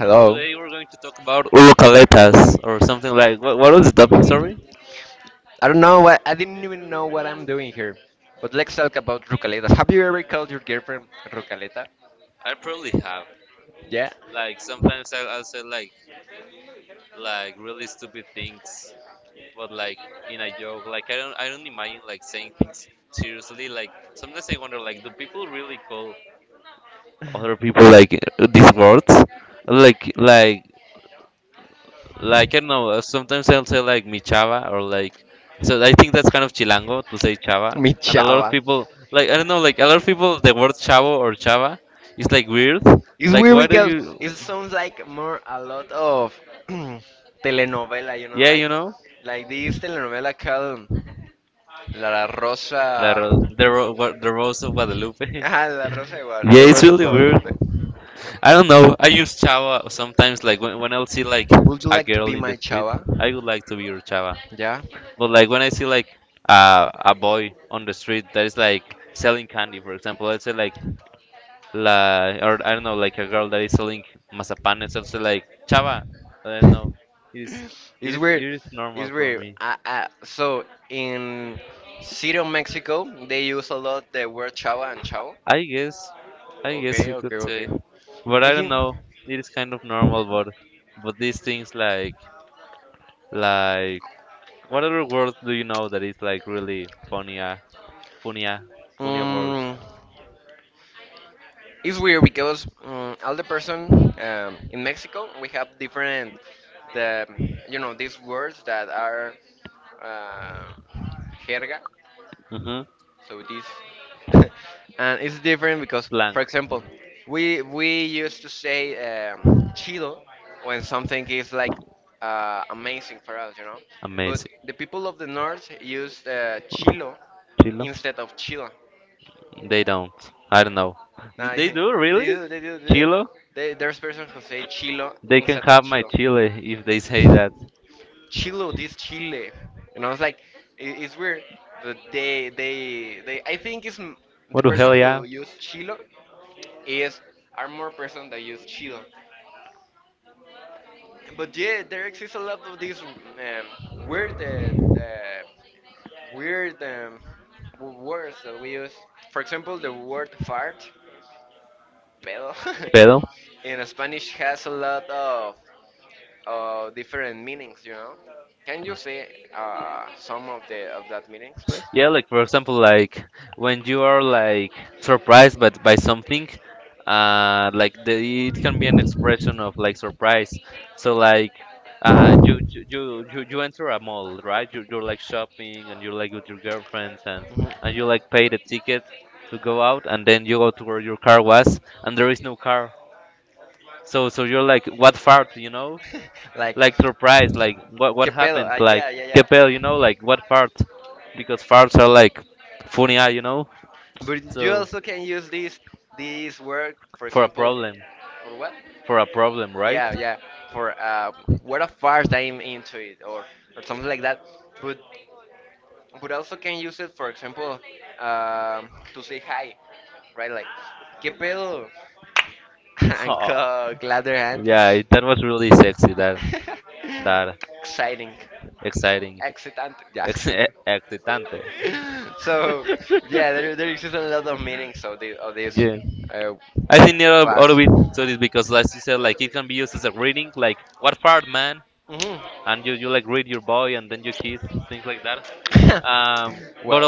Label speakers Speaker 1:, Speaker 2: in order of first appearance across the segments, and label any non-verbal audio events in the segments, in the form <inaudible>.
Speaker 1: Hello. I don't know what I didn't even know what I'm doing here. But let's talk about rucaletas. Have you ever called your girlfriend rucaleta? Yeah. <laughs> Mi chava. It's weird because it sounds like more a lot of <clears throat> telenovela, like this telenovela called La Rosa. Ah, La Rosa igual, the Rose of Guadalupe. Would you like to be my chava? Yeah. It's weird. It's weird. So in City of Mexico, they use a lot the word chava and chavo. Okay, okay, okay. I think um, it's weird because all the person in Mexico we have different the these words that are uh, jerga. So this <laughs> and it's different because, for example, we used to say um, chido when something is like amazing for us. But the people of the north use chilo instead of chilo. Uh, <laughs> they do, they do, they do. There's person who say chilo instead of chilo. Chilo, this Chile. And I was like, it's weird. But I think it's the person who used Chilo is are more person that use Chilo." But yeah, there exists a lot of these weird, weird words that we use. For example, the word fart, pedo, <laughs> in Spanish has a lot of different meanings. Can you say some of the of that meanings, please? Mhm. <laughs> Like, ¿qué pedo? Ah, yeah, yeah, yeah. But you also can use this word, for example, for what? Yeah, yeah. For what a fast I'm into it, or something like that. But also can use it, for example, to say hi, right? Like, qué pedo, <laughs> and glad their hand. <laughs> Exciting, excitant. Yes. <laughs> So yeah, there exists a lot of meanings of this uh, farts. Hmm. <laughs> Well,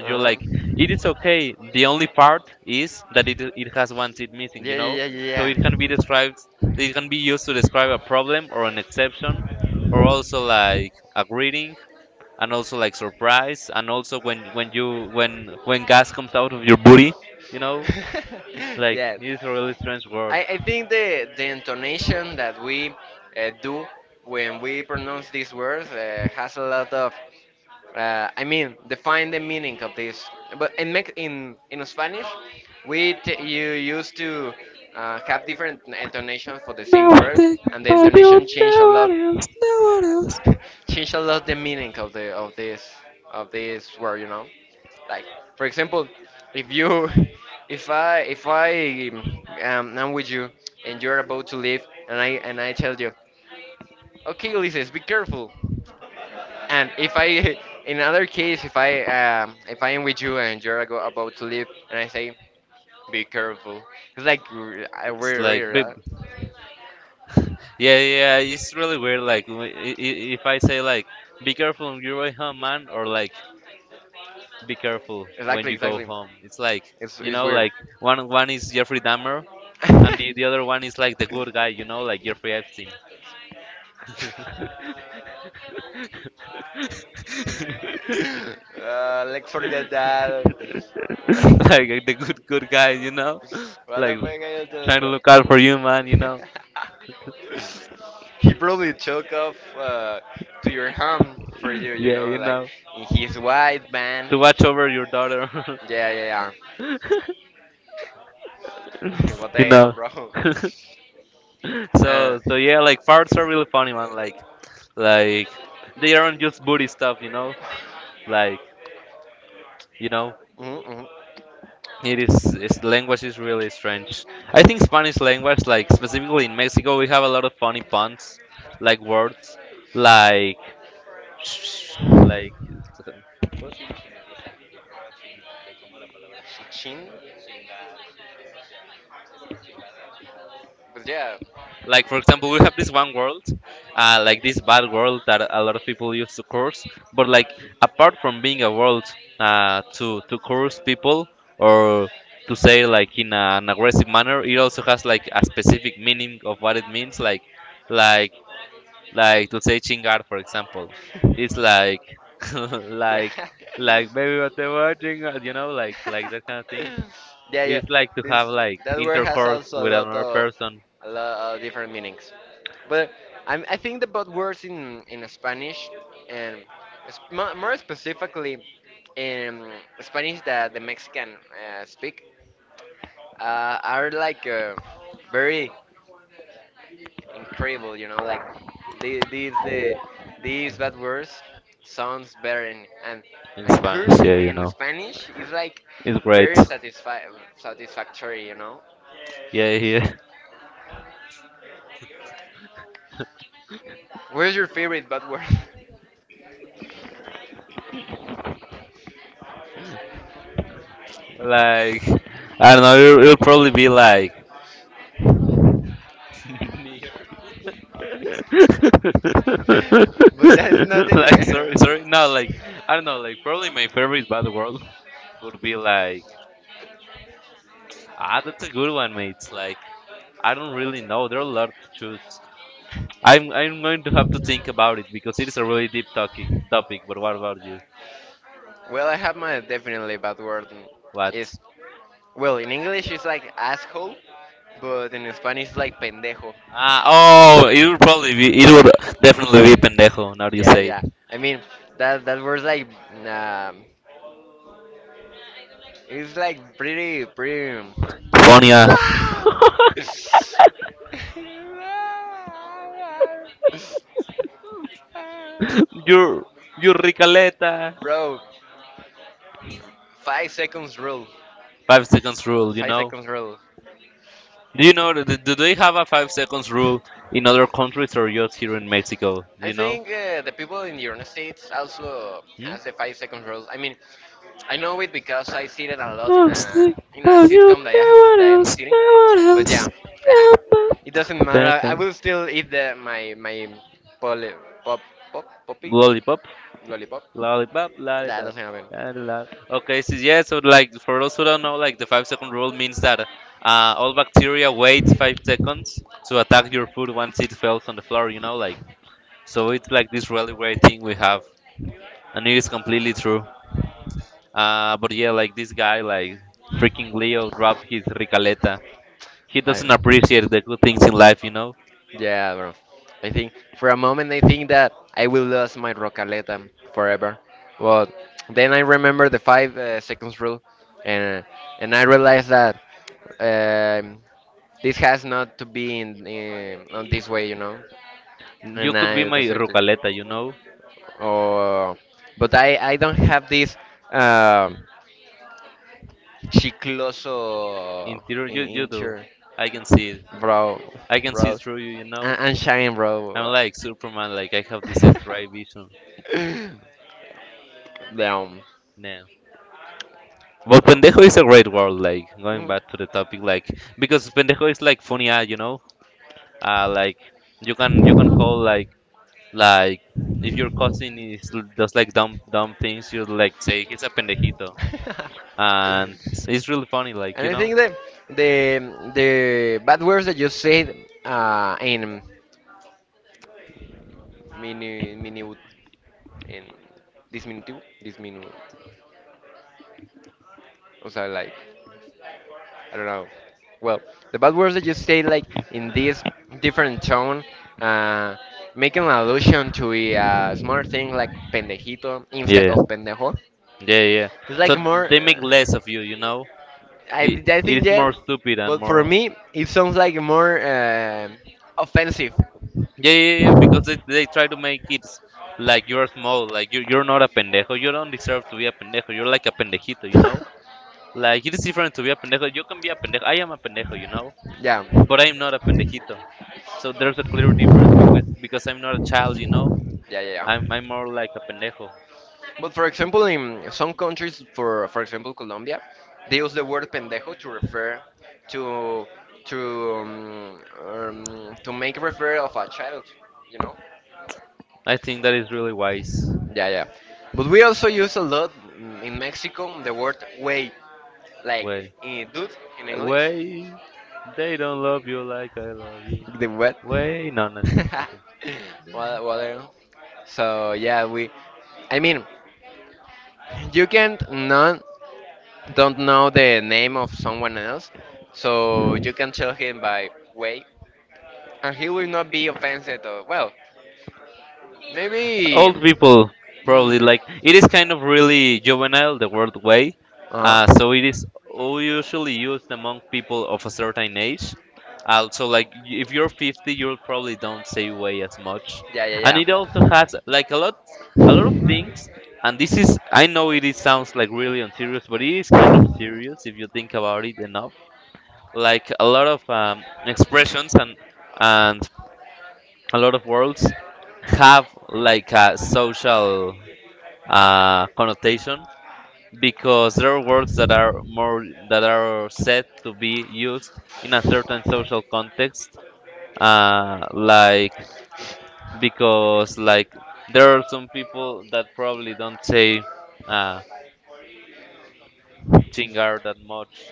Speaker 1: uh, yeah, yeah, yeah, yeah, yeah. <laughs> Yes. I think the intonation that we do when we pronounce these words has a lot of, I mean, define the meaning of this. But in Spanish, you used to have different intonations for the same word, and the intonation change a lot the meaning of the of this word. Like, for example, if you <laughs> if I am with you and you're about to leave, and I tell you, okay, Ulises, be careful. And if I <laughs> in other case, if I am with you and you're about to leave, and I say, be careful. It's like weird, weird, exactly, exactly. It's weird. <laughs> <laughs> Let's forget that. <laughs> What the fuck are you doing, bro? <laughs> He probably took off to your home for you, like in his white van. Yeah, yeah, yeah. <laughs> What the hell, bro? Uh, mhm, mhm. Chin? But yeah. Yeah. <laughs> Yeah, yeah. This that word has also a lot of different meanings. But I think about words in Spanish and more specifically in Spanish that the Mexican speak are like very incredible, like the- these the these bad words sounds better in, and cursing in Spanish is like very satisfactory. Where's your favorite bad word? <laughs> But that's not in. Well, I have my definitely bad word. In- Is Well in English it's like asshole, but in Spanish it's like pendejo. Yeah, yeah. I mean that word's like um, it's like pretty, pretty. <laughs> Bro, 5 seconds rule. 5 seconds rule. I think the people in the United States also has the 5 seconds rule. I mean, I know it because I see it a lot in a sitcom that I am sitting. But yeah, ah, it doesn't matter. I will still eat the my my poly, pop pop poppy lollipop. That doesn't happen. I Yeah, bro. I think for a moment I think that I will lose my Rocaleta forever, but then I remember the five seconds rule, and uh, and I realized that um, this has not to be in on this way. And I deserted. Oh, but I don't have this um, chicloso interior, bro, bro, and shine, bro. <laughs> Down. Mhm. <laughs> And I think that the <laughs> bad words that you said in mini in disminutivo disminu, o sea, like, I don't know. Well, the bad words that you say like in this different tone, uh, making an allusion to a smaller thing, like pendejito instead of pendejo. It's like more. I think yes, but for me it sounds like more offensive. <laughs> Yeah. Yeah, yeah, yeah. But for example, in some countries, for example Colombia, they use the word pendejo to refer to to um, to make refer of a child, you know. Yeah, yeah. But we also use a lot in Mexico the word way, like dude in English. The what? <laughs> What water? So yeah, we. I mean, you can't not don't know the name of someone else, so you can tell him by way, and he will not be offended. Or well, maybe. Mm, uh, yeah, yeah, yeah.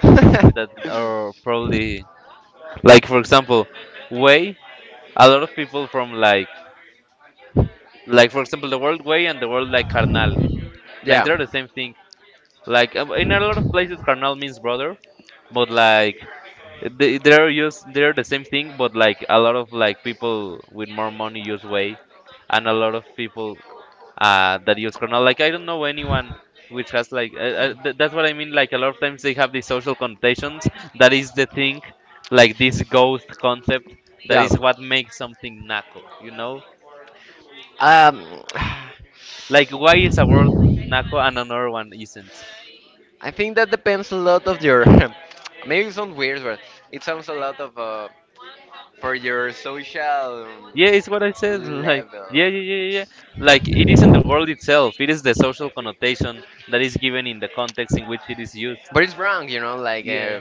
Speaker 1: <laughs> Yeah. Yeah. Um, <sighs> I think that depends a lot of your. <laughs> Maybe it sounds weird, but it sounds a lot of for your social level. But it's wrong. Like,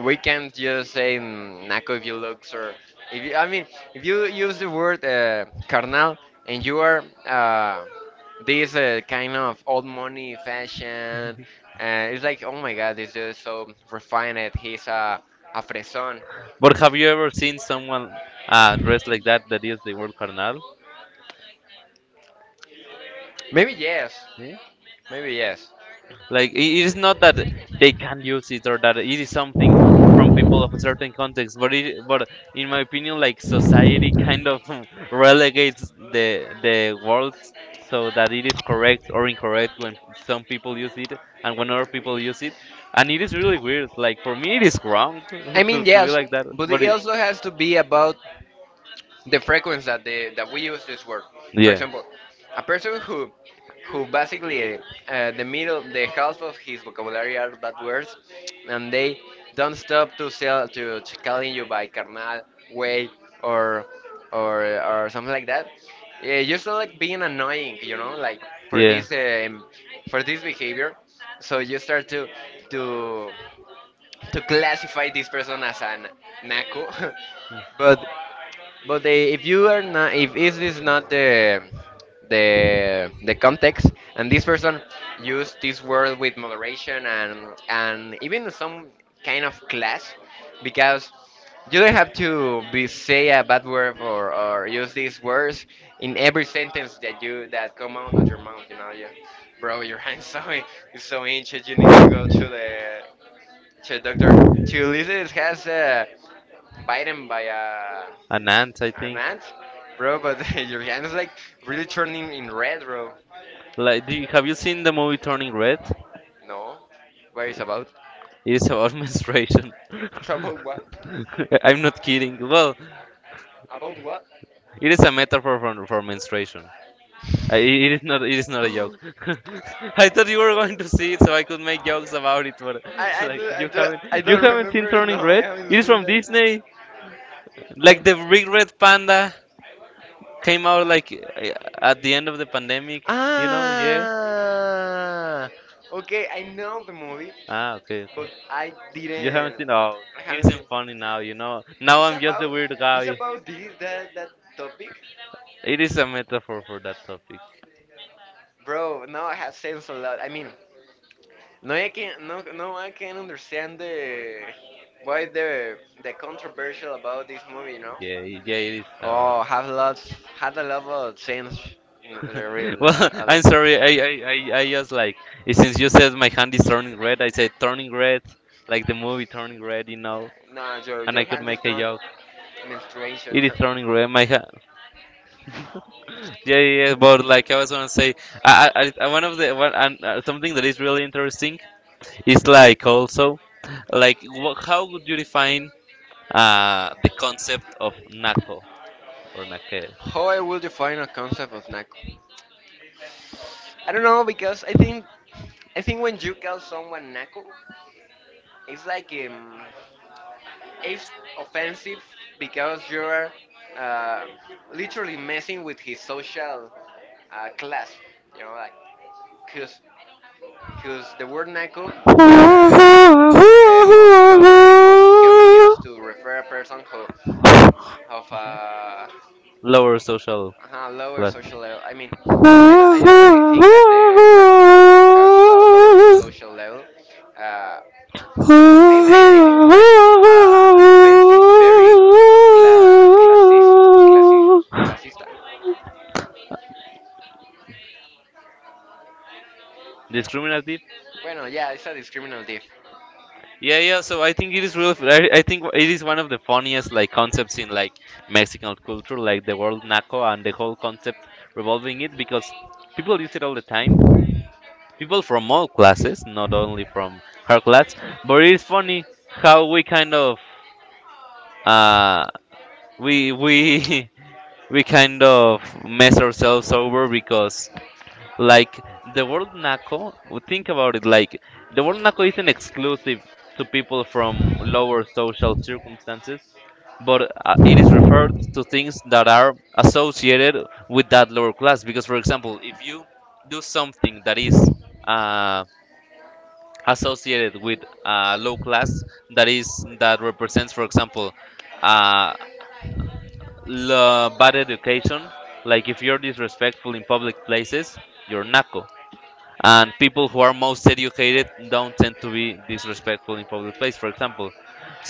Speaker 1: we can't just say Naco if you look, or if you, I mean, if you use the word carnal and you are this kind of old money fashion, it's like, oh my God, it's just so refined. He's a fresón. Maybe yes, maybe yes. I mean yes, but it also has to be about the frequency that the that we use this word. For example, a person who basically the half of his vocabulary are bad words, and they don't stop to calling you by carnal way or something like that. Yeah, you start like being annoying, like for this behavior. So you start to to classify this person as a naco. <laughs> But if you are not, if is this not the context, and this person used this word with moderation and even some kind of class, because you don't have to be say a bad word or, use these words in every sentence that come out of your mouth. You know, you, bro, your <laughs> hand's so it's so ancient. You need to go to the so, Doctor, to Ulysses has bitten by an ant, bro, but <laughs> your hand is like really turning in red, bro. No, what is about? <laughs> About what? About what? I I, do, I, do, I don't remember. <laughs> No, I haven't seen that. Ah, okay, I know the movie, but I didn't. I haven't seen. It's about this that topic. Bro, now I have sense a lot. I mean, no, I can no, no, I can understand the why the controversial about this movie, you know? Oh, had a lot of sense. No, I mean, no, your hand is not menstruation. <laughs> How I will define a concept of naco? I don't know because I think when you call someone naco, it's like um, it's offensive because you're uh, literally messing with his social class. You know, like, cause, cause the word naco uh, uh,
Speaker 2: Uh,
Speaker 1: means to refer a person who of a lower social level. I mean, at the social level, uh, I, uh, very cla clasista. Bueno, yeah, it's a discriminative.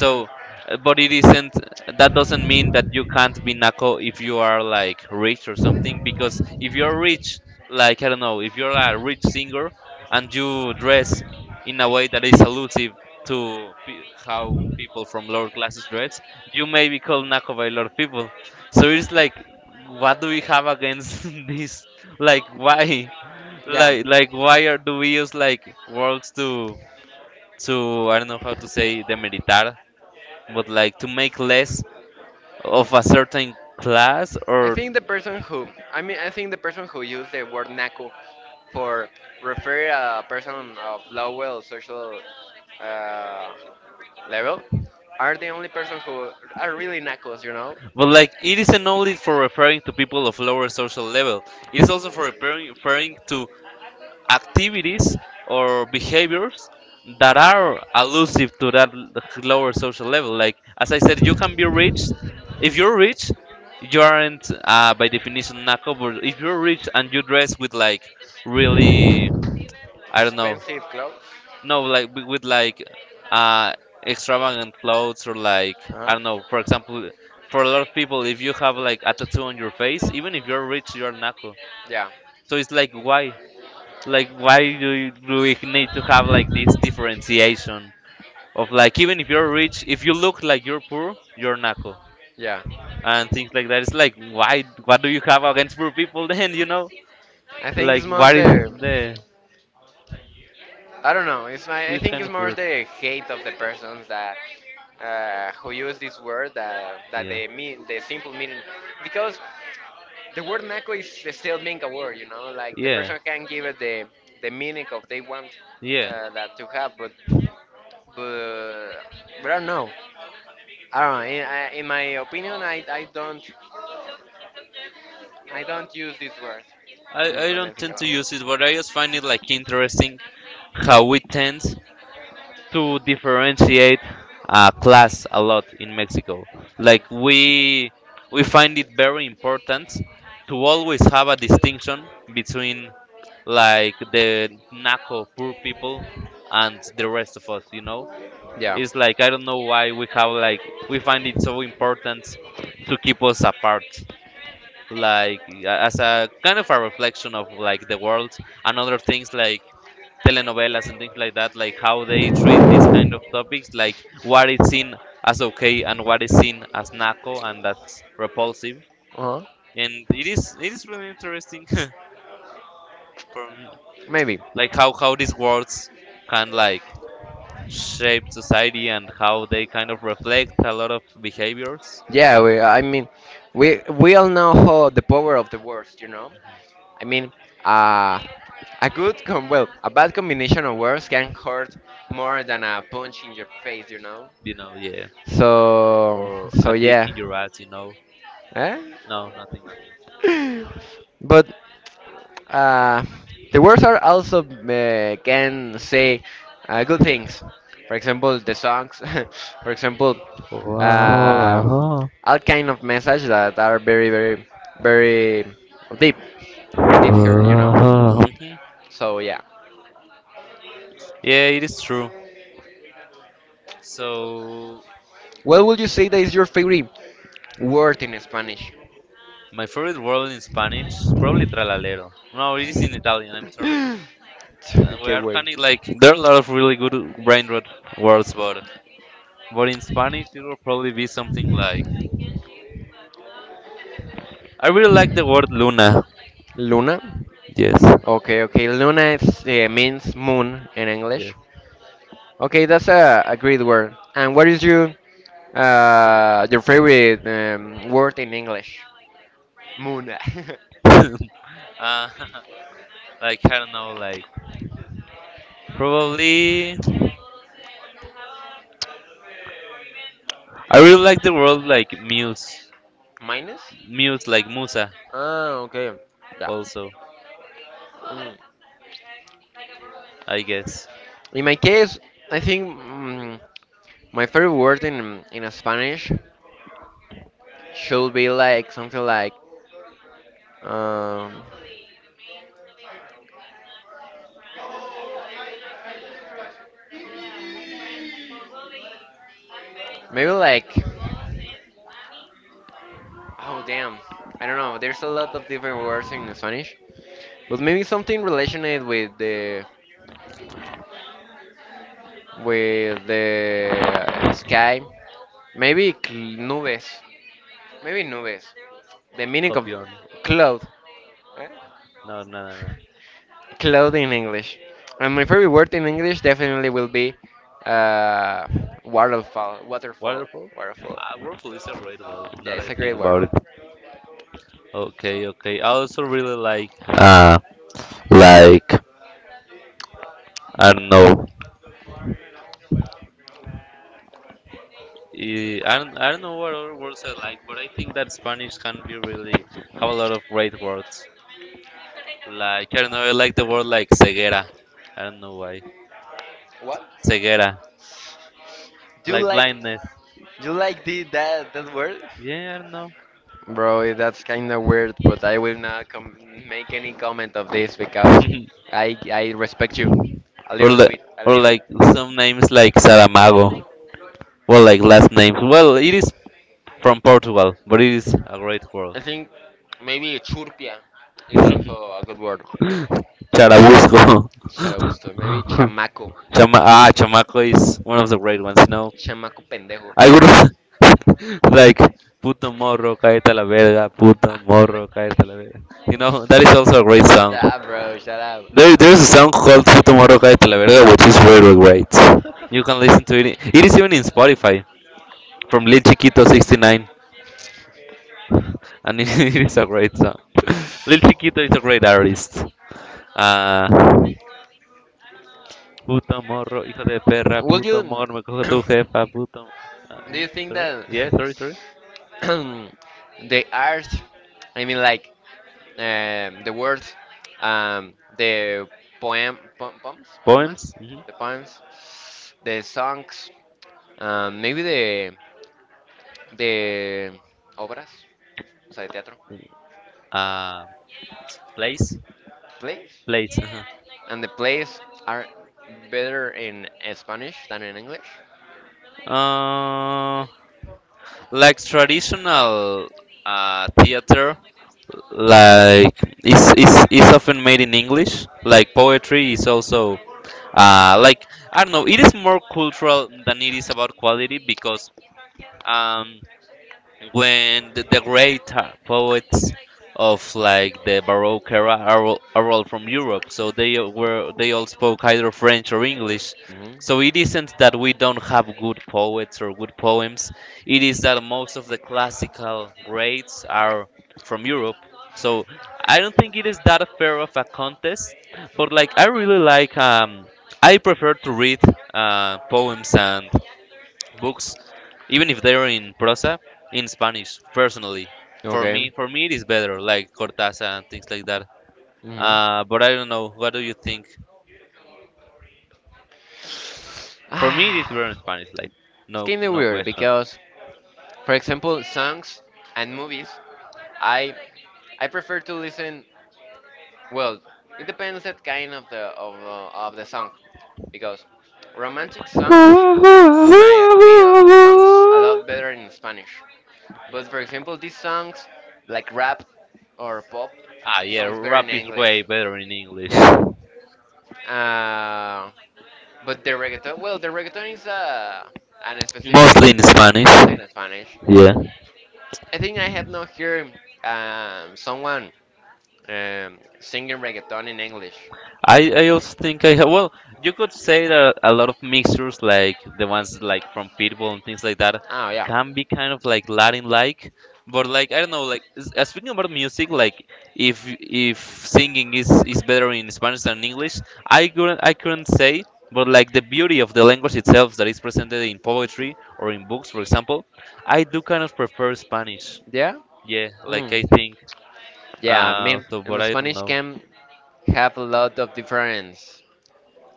Speaker 1: Mm. Yeah. I think the person who, I mean, I think the person who used the word naco for refer a person of lower social uh, level are the only person who are really nacos, you know? Expensive clothes. Uh-huh. Yeah, yeah. I think it's most there. I don't know. It's my. I think it's more the hate of the persons that who use this word that they mean the simple meaning because the word naco is still being a word. You know, like the person can give it the meaning of they want that to have, but but I don't know. I don't know. In my opinion, I don't use this word when I think about it. Yeah. Uh-huh. Maybe. Yeah, we all know how the power of the words, you know? I mean, uh, a a bad combination of words can hurt more than a punch in your face, you know? So, so yeah. Eh? <laughs> But Uh, the words are also can say good things. For example, the songs. <laughs> For example, uh, all kind of message that are very, very, very deep, deep here. You know. So yeah. What would you say that is your favorite word in Spanish? <laughs> Qué güey. Luna. Okay, okay. Luna is, eh, means moon in English. Okay, that's a great word. And what is your favorite word in English? Moon. <laughs> Minus? Ah, okay. Yeah. Mm. In my case, I think my favorite word in Spanish should be like something like um, maybe like oh damn I don't know. There's a lot of different words in Spanish, but maybe something related with the sky. Maybe nubes. Maybe nubes. The meaning of cloud. Cloud in English. And my favorite word in English definitely will be uh, waterfall. Waterfall. Waterfall. Yeah, it's a great word.
Speaker 2: like, I don't
Speaker 1: What? Do you like do you like the that word? Bro, that's kind of weird, but I will not make any comment of this because I respect you a little bit, a little. I think maybe churpia is also a good word. Charosto. Maybe chamaco. Chamaco pendejo. Shut up, bro. Shut up. Will you. <clears throat> do you think that <clears throat> the art, I mean, like, the words, the poems? Poemas? The poems? The songs? Maybe the. The. Obras? O sea, de teatro. Plays? And the plays are better in Spanish than in English. Hmm. Mhm. Ah, it's kind of weird because for example, songs and movies, I I prefer to listen. Well, it depends that kind of the song, because romantic song
Speaker 2: know.
Speaker 1: in my op- a lot better in Spanish. But for example, these songs like rap or pop sounds better in English. Yeah. Uh, but the reggaeton, well, the reggaeton is an specific mostly in Spanish. I think I have not heard someone singing reggaeton in English. Oh yeah, yeah, mm, yeah. I mean, in the Spanish can have a lot of different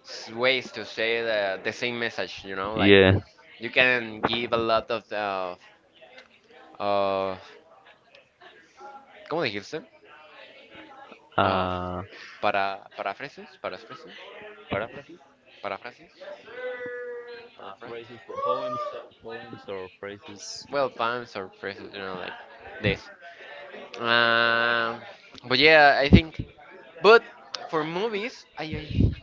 Speaker 1: ways to say the same message. You know, like you can give a lot of uh, ¿cómo dijiste? Uh, paraphrases, paraphrases, paraphrases, paraphrases. Well, puns or phrases, you know, like this. Uh, but yeah, I think. But for movies, I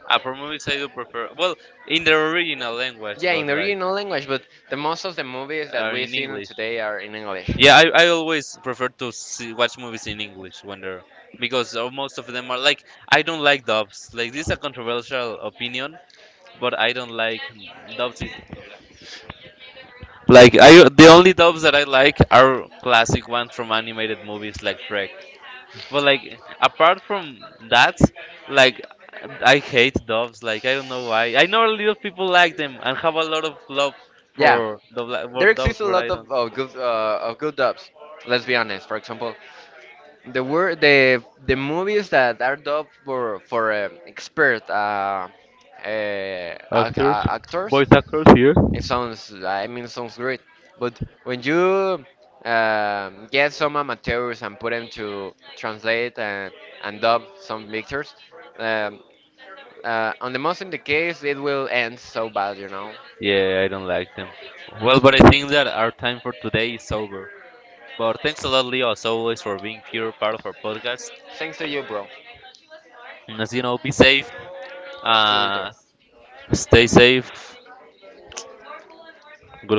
Speaker 1: yeah, in the original language, but the most of the movies that we see today are in English. Yeah, there exists a lot of good dubs. Let's be honest. For example, the word the movies that are dubbed for expert actors. It sounds, I mean, it sounds great. But when you get some amateurs and put them to translate and dub some pictures, um, on the most in the case, it will end so bad, you know. Thanks to you, bro. See you later.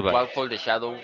Speaker 1: Walk for the shadow.